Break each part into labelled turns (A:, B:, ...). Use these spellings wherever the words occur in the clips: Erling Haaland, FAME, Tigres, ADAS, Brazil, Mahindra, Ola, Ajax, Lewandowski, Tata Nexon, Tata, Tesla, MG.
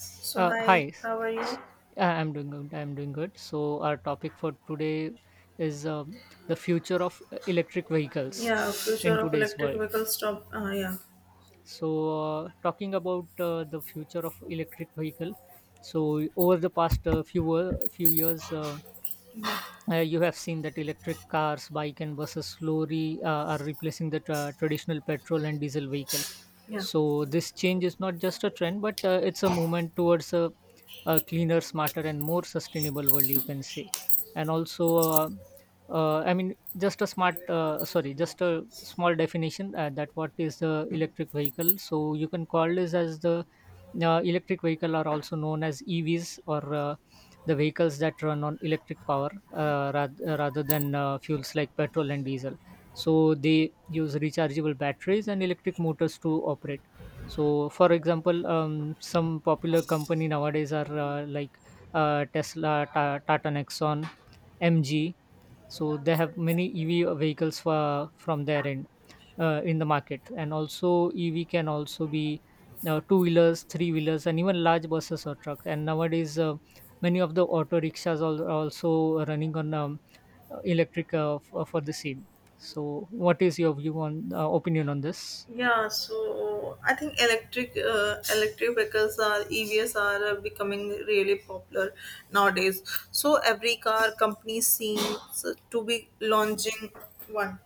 A: So hi,
B: Hi.
A: how are you?
B: S- I'm doing good. I'm doing good. So our topic for today is the future of electric vehicles
A: Yeah,
B: in
A: future of
B: today's
A: electric
B: world.
A: vehicles. Stop. Yeah,
B: So talking about the future of electric vehicle. So over the past few years, you have seen that electric cars, bike and buses slowly are replacing the traditional petrol and diesel vehicle.
A: yeah.
B: So this change is not just a trend, but it's a movement towards a cleaner, smarter and more sustainable world, you can say. And also, I mean, just a smart, sorry, just a small definition that, what is the electric vehicle? So you can call this as the electric vehicle are also known as EVs, or the vehicles that run on electric power rather than fuels like petrol and diesel. So they use rechargeable batteries and electric motors to operate. So, for example, some popular company nowadays are like Tesla, Tata Nexon, MG. So they have many EV vehicles from their end in the market, and also EV can also be two wheelers, three wheelers, and even large buses or trucks. And nowadays, many of the auto rickshaws are also running on electric, for the same. So what is your view on, opinion on this?
A: Yeah, so I think electric vehicles are EVs are becoming really popular nowadays. So every car company seems to be launching one.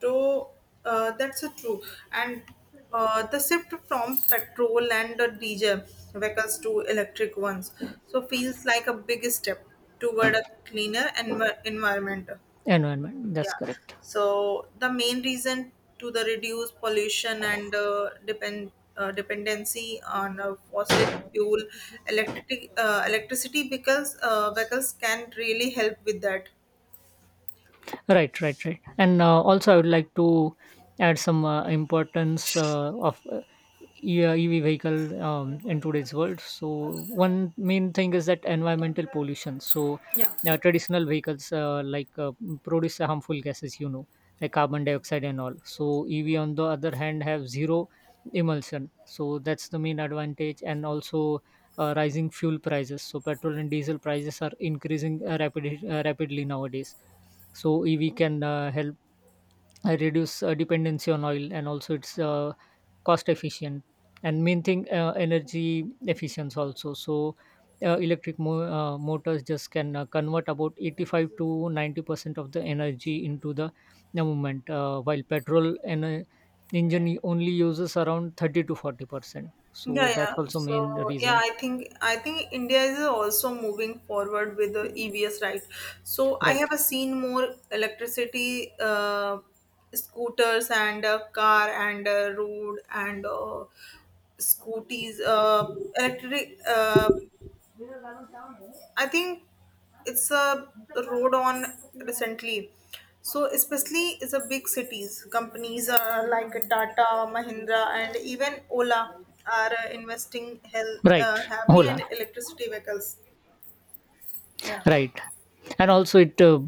A: So that's a true and the shift from petrol and the diesel vehicles to electric ones. So feels like a big step toward a cleaner environment.
B: Environment, that's
A: Yeah.
B: correct.
A: So the main reason to the reduce pollution and dependency on fossil fuel electricity because vehicles can really help with that.
B: Right, right, right. And also, I would like to add some importance of EV vehicle in today's world. So, one main thing is that environmental pollution. So,
A: Yeah.
B: traditional vehicles like produce harmful gases, like carbon dioxide and all. So, EV on the other hand have zero emulsion. So, that's the main advantage. And also. Rising fuel prices, so petrol and diesel prices are increasing rapidly nowadays, so if we can help reduce dependency on oil. And also it's cost efficient, and main thing energy efficiency also. So electric motors just can convert about 85 to 90% of the energy into the movement, while petrol and engine only uses around 30 to 40%,
A: Yeah,
B: so that's
A: yeah.
B: also main
A: So yeah,
B: reason.
A: I think India is also moving forward with the EVs, right? So I
B: Right,
A: have seen more electricity scooters and car and road and scooties, electric I think it's a road on recently. So especially is a big cities. Companies like Tata, Mahindra, and even Ola are investing
B: right,
A: heavily in
B: hola.
A: electricity vehicles. Yeah,
B: Right. And also it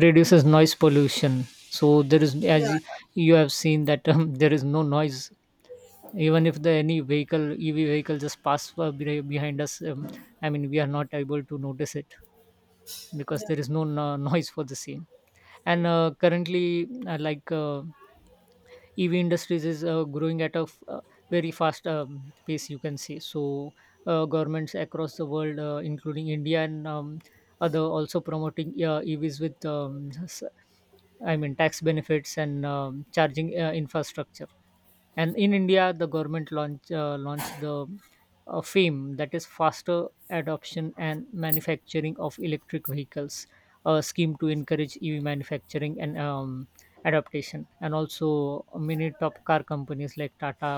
B: reduces noise pollution. So there is,
A: yeah,
B: as you have seen, that there is no noise. Even if the any vehicle, EV vehicle, just pass behind us, I mean, we are not able to notice it
A: yeah,
B: because
A: yeah.
B: there is no noise for the same. And currently, like EV industries is growing at very fast pace, you can say. So, governments across the world, including India and other, also promoting EVs with, I mean, tax benefits and charging infrastructure. And in India, the government launched the FAME, that is Faster Adoption and Manufacturing of Electric Vehicles, a scheme to encourage EV manufacturing and adaptation. And also many top car companies like Tata,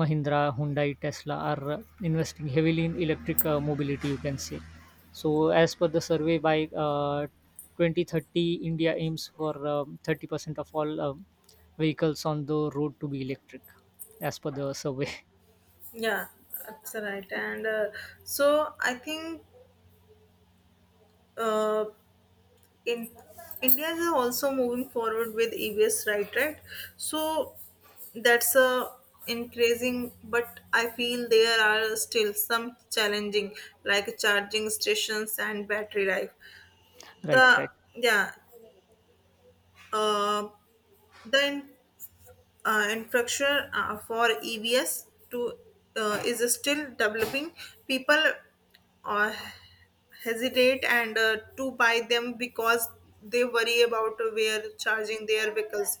B: Mahindra, Hyundai, Tesla are investing heavily in electric mobility, you can say. So as per the survey, by uh, 2030, India aims for 30% of all vehicles on the road to be electric, as per the survey.
A: Yeah, that's right. And so I think uh, in India is also moving forward with EVs, right? Right. So that's a increasing, but I feel there are still some challenging, like charging stations and battery life.
B: Right,
A: The
B: right,
A: Yeah. Uh, the in, uh, infrastructure for EVs to is still developing. People uh, hesitate and to buy them because they worry about where charging their vehicles.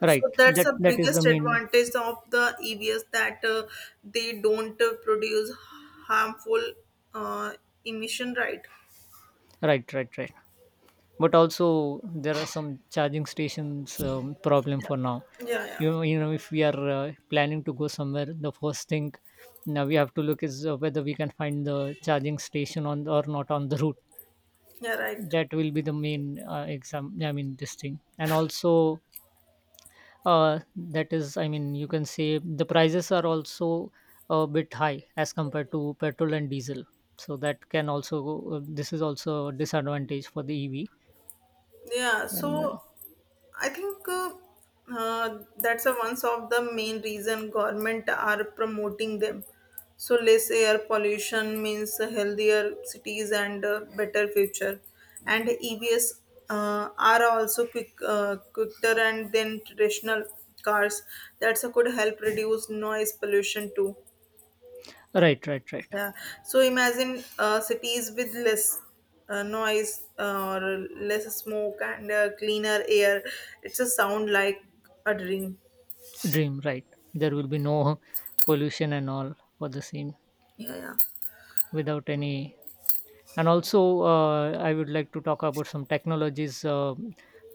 B: right.
A: So that's
B: that
A: the
B: that is the
A: biggest
B: main.
A: advantage of the EVs, that they don't produce harmful uh, emission, right?
B: Right, right, right. But also there are some charging stations problem for now.
A: Yeah, yeah,
B: If we are planning to go somewhere, the first thing now we have to look is whether we can find the charging station on or not on the route.
A: yeah, right.
B: That will be the main, exam I mean, this thing. And also, that is, I mean, you can say the prices are also a bit high as compared to petrol and diesel. So this is also a disadvantage for the EV.
A: Yeah,
B: And
A: so I think that's a one of the main reason government are promoting them. So less air pollution means healthier cities and better future. And EVs are also quicker and than traditional cars. That's a could help reduce noise pollution too.
B: right, right, right.
A: Yeah. So imagine cities with less noise or less smoke and cleaner air. It's a sound like a dream.
B: Dream, right. There will be no pollution and all for the same,
A: Yeah, yeah.
B: without any. And also I would like to talk about some technologies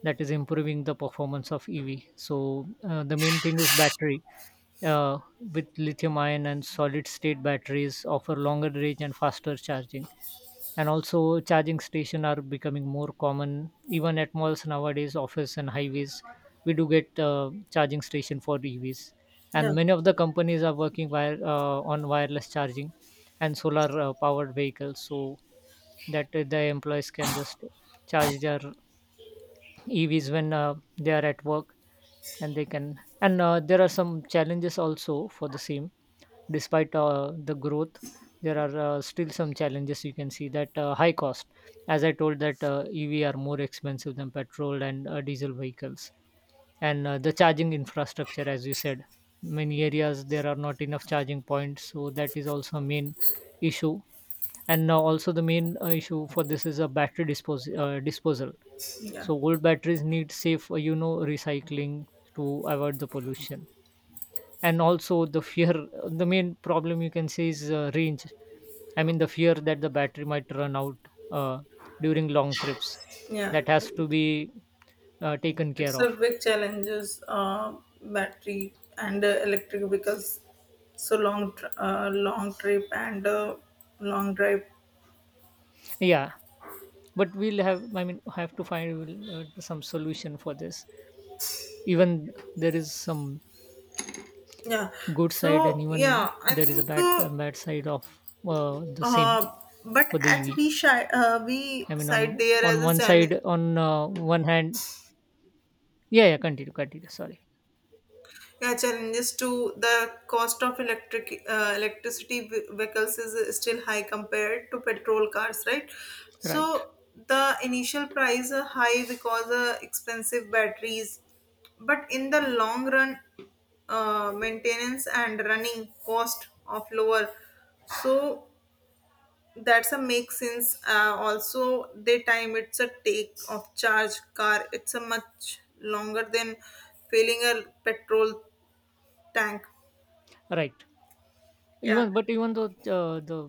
B: that is improving the performance of EV. So the main thing is battery, uh, with lithium ion and solid state batteries offer longer range and faster charging. And also charging stations are becoming more common, even at malls nowadays, office and highways, we do get charging station for EVs.
A: Yeah.
B: And many of the companies are working on wireless charging and solar powered vehicles, so that the employees can just charge their EVs when they are at work. And they can and There are some challenges also for the same. Despite the growth, there are still some challenges, you can see that high cost, as I told, that EV are more expensive than petrol and diesel vehicles. And the charging infrastructure, as you said, many areas there are not enough charging points, so that is also a main issue. And now also the main issue for this is a battery disposal.
A: Yeah.
B: So old batteries need safe, recycling to avoid the pollution. And also the fear, the main problem, you can say, is range. I mean, the fear that the battery might run out uh, during long trips.
A: Yeah.
B: That has to be taken care
A: It's a
B: of.
A: big challenges battery and electric because so long trip and long drive.
B: Yeah, but we'll have, I mean, have to find some solution for this. Even there is some
A: Yeah.
B: good side, and
A: So
B: even
A: yeah, I
B: there is a
A: think.
B: bad a bad side of the same
A: Uh, but
B: for the
A: at we
B: EV,
A: we
B: I mean, on
A: side there
B: on
A: as
B: one
A: a
B: side,
A: challenge,
B: on one hand. Yeah, yeah, continue, continue, sorry.
A: yeah, challenges to the cost of electric electricity vehicles is still high compared to petrol cars, right?
B: Right,
A: So the initial price are high because expensive batteries, but in the long run, maintenance and running cost of lower. So that's a make sense. Also they time it's a take of charge car it's a much longer than filling a petrol tank.
B: right.
A: Yeah,
B: even But even though the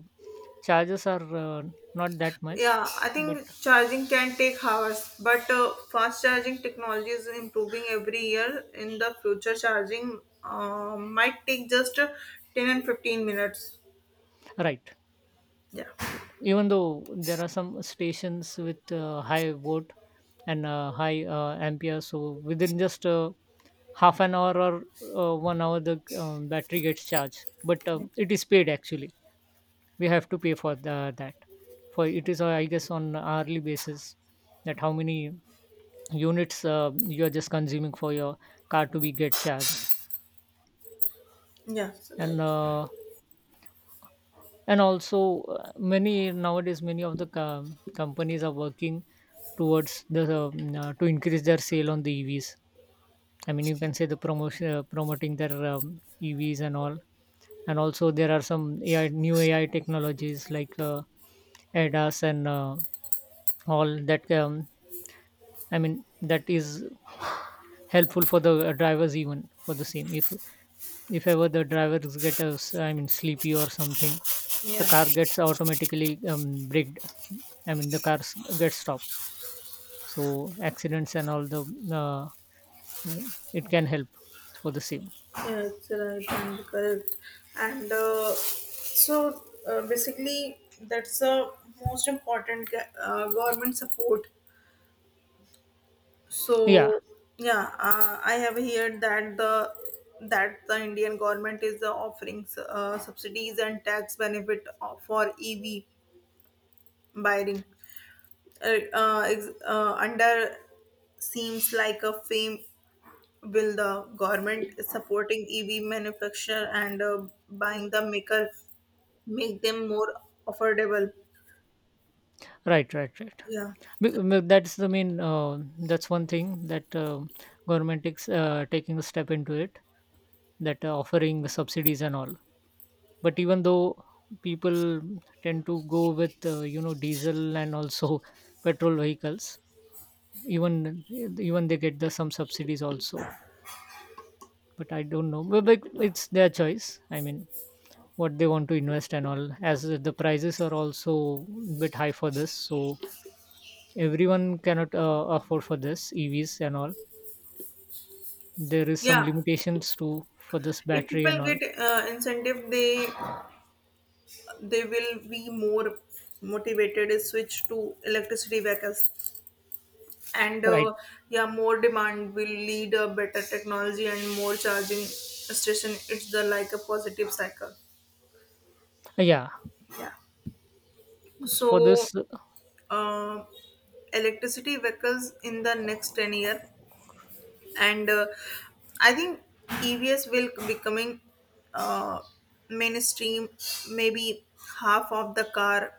B: charges are not that much.
A: yeah, I
B: But
A: think charging can take hours but fast charging technology is improving every year. In the future charging might take just 10 and 15 minutes.
B: right,
A: Yeah,
B: even though there are some stations with high volt and high ampere, so within just half an hour or 1 hour, the battery gets charged. But it is paid actually. We have to pay for that, for it is, I guess, on hourly basis, that how many units you are just consuming for your car to be get charged.
A: yeah, so
B: and uh,
A: right,
B: and also many nowadays, many of the companies are working towards the to increase their sale on the EVs. I mean, you can say the promotion promoting their EVs and all. And also there are some AI, new AI technologies like ADAS and all that, I mean, that is helpful for the drivers even for the same. If ever the drivers get I mean, sleepy or something, the
A: yeah.
B: car gets automatically braked. I mean, the cars get stopped. So accidents and all, the, uh, I mean, it can help for the same.
A: Yes, right and correct. And so basically, that's the most important government support.
B: Yeah,
A: So yeah, I have heard that the Indian government is offering subsidies and tax benefit for EV buying. Under seems like a fame will the government is supporting EV manufacture and buying the maker make them more affordable.
B: right, right, right.
A: Yeah,
B: That's the main. That's one thing that government is taking a step into it. That, offering the subsidies and all. But even though people tend to go with diesel and also petrol vehicles. Even even they get the some subsidies also, but I don't know. But it's their choice, I mean, what they want to invest and all, as the prices are also bit high for this, so everyone cannot afford for this EVs and all. There is some
A: yeah.
B: limitations to for this
A: If
B: battery and
A: people
B: all.
A: get incentive, they will be more motivated to switch to electricity vehicles. And
B: Right.
A: yeah, more demand will lead a better technology and more charging station. It's the like a positive cycle.
B: Yeah.
A: Yeah.
B: For
A: So
B: this.
A: uh, electricity vehicles in the next 10 year. And I think EVs will becoming uh, mainstream, maybe half of the car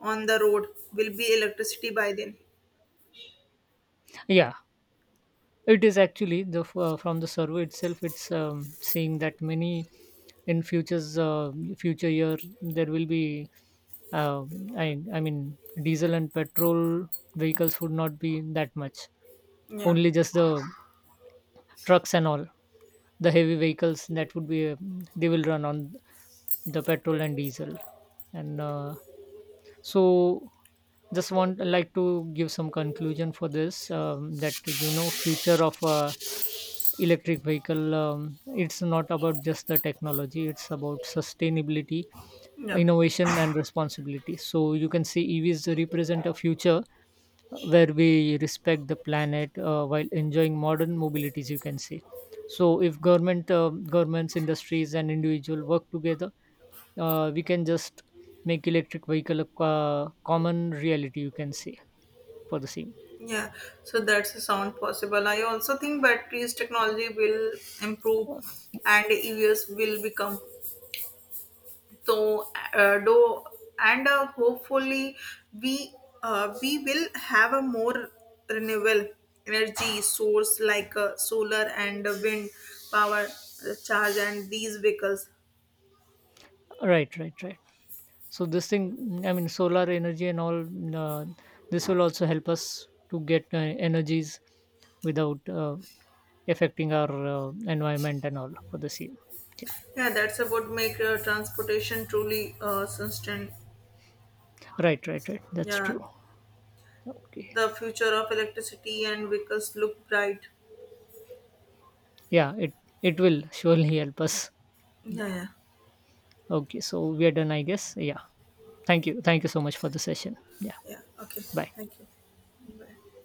A: on the road will be electricity by then.
B: Yeah. It is actually from the survey itself. It's seeing that many in future year there will be. Uh, I mean, diesel and petrol vehicles would not be that much.
A: Yeah,
B: Only just the trucks and all the heavy vehicles, that would be, they will run on the petrol and diesel. And so, just want like to give some conclusion for this, that, future of electric vehicle, it's not about just the technology, it's about sustainability,
A: yeah,
B: innovation and responsibility. So you can see EVs represent a future where we respect the planet while enjoying modern mobilities, you can say. So if governments, industries and individual work together, we can just make electric vehicle a common reality, you can say, for the same.
A: yeah. So that's a sound possible. I also think batteries technology will improve and EVs will become. So do and hopefully we we will have a more renewable energy source like solar and wind power charge and these vehicles.
B: Right, right, right. So this thing, I mean, solar energy and all, this will also help us to get energies without affecting our environment and all for the same. Yeah.
A: Yeah, that's about make transportation truly sustain.
B: Right, right, right. That's
A: Yeah,
B: true. Okay.
A: the future of electricity and vehicles look bright.
B: Yeah, it will surely help us.
A: Yeah,
B: Yeah.
A: yeah,
B: Okay. So we are done, I guess. Yeah. Thank you. Thank you so much for the session. Yeah.
A: yeah. Okay,
B: Bye.
A: thank you. Bye.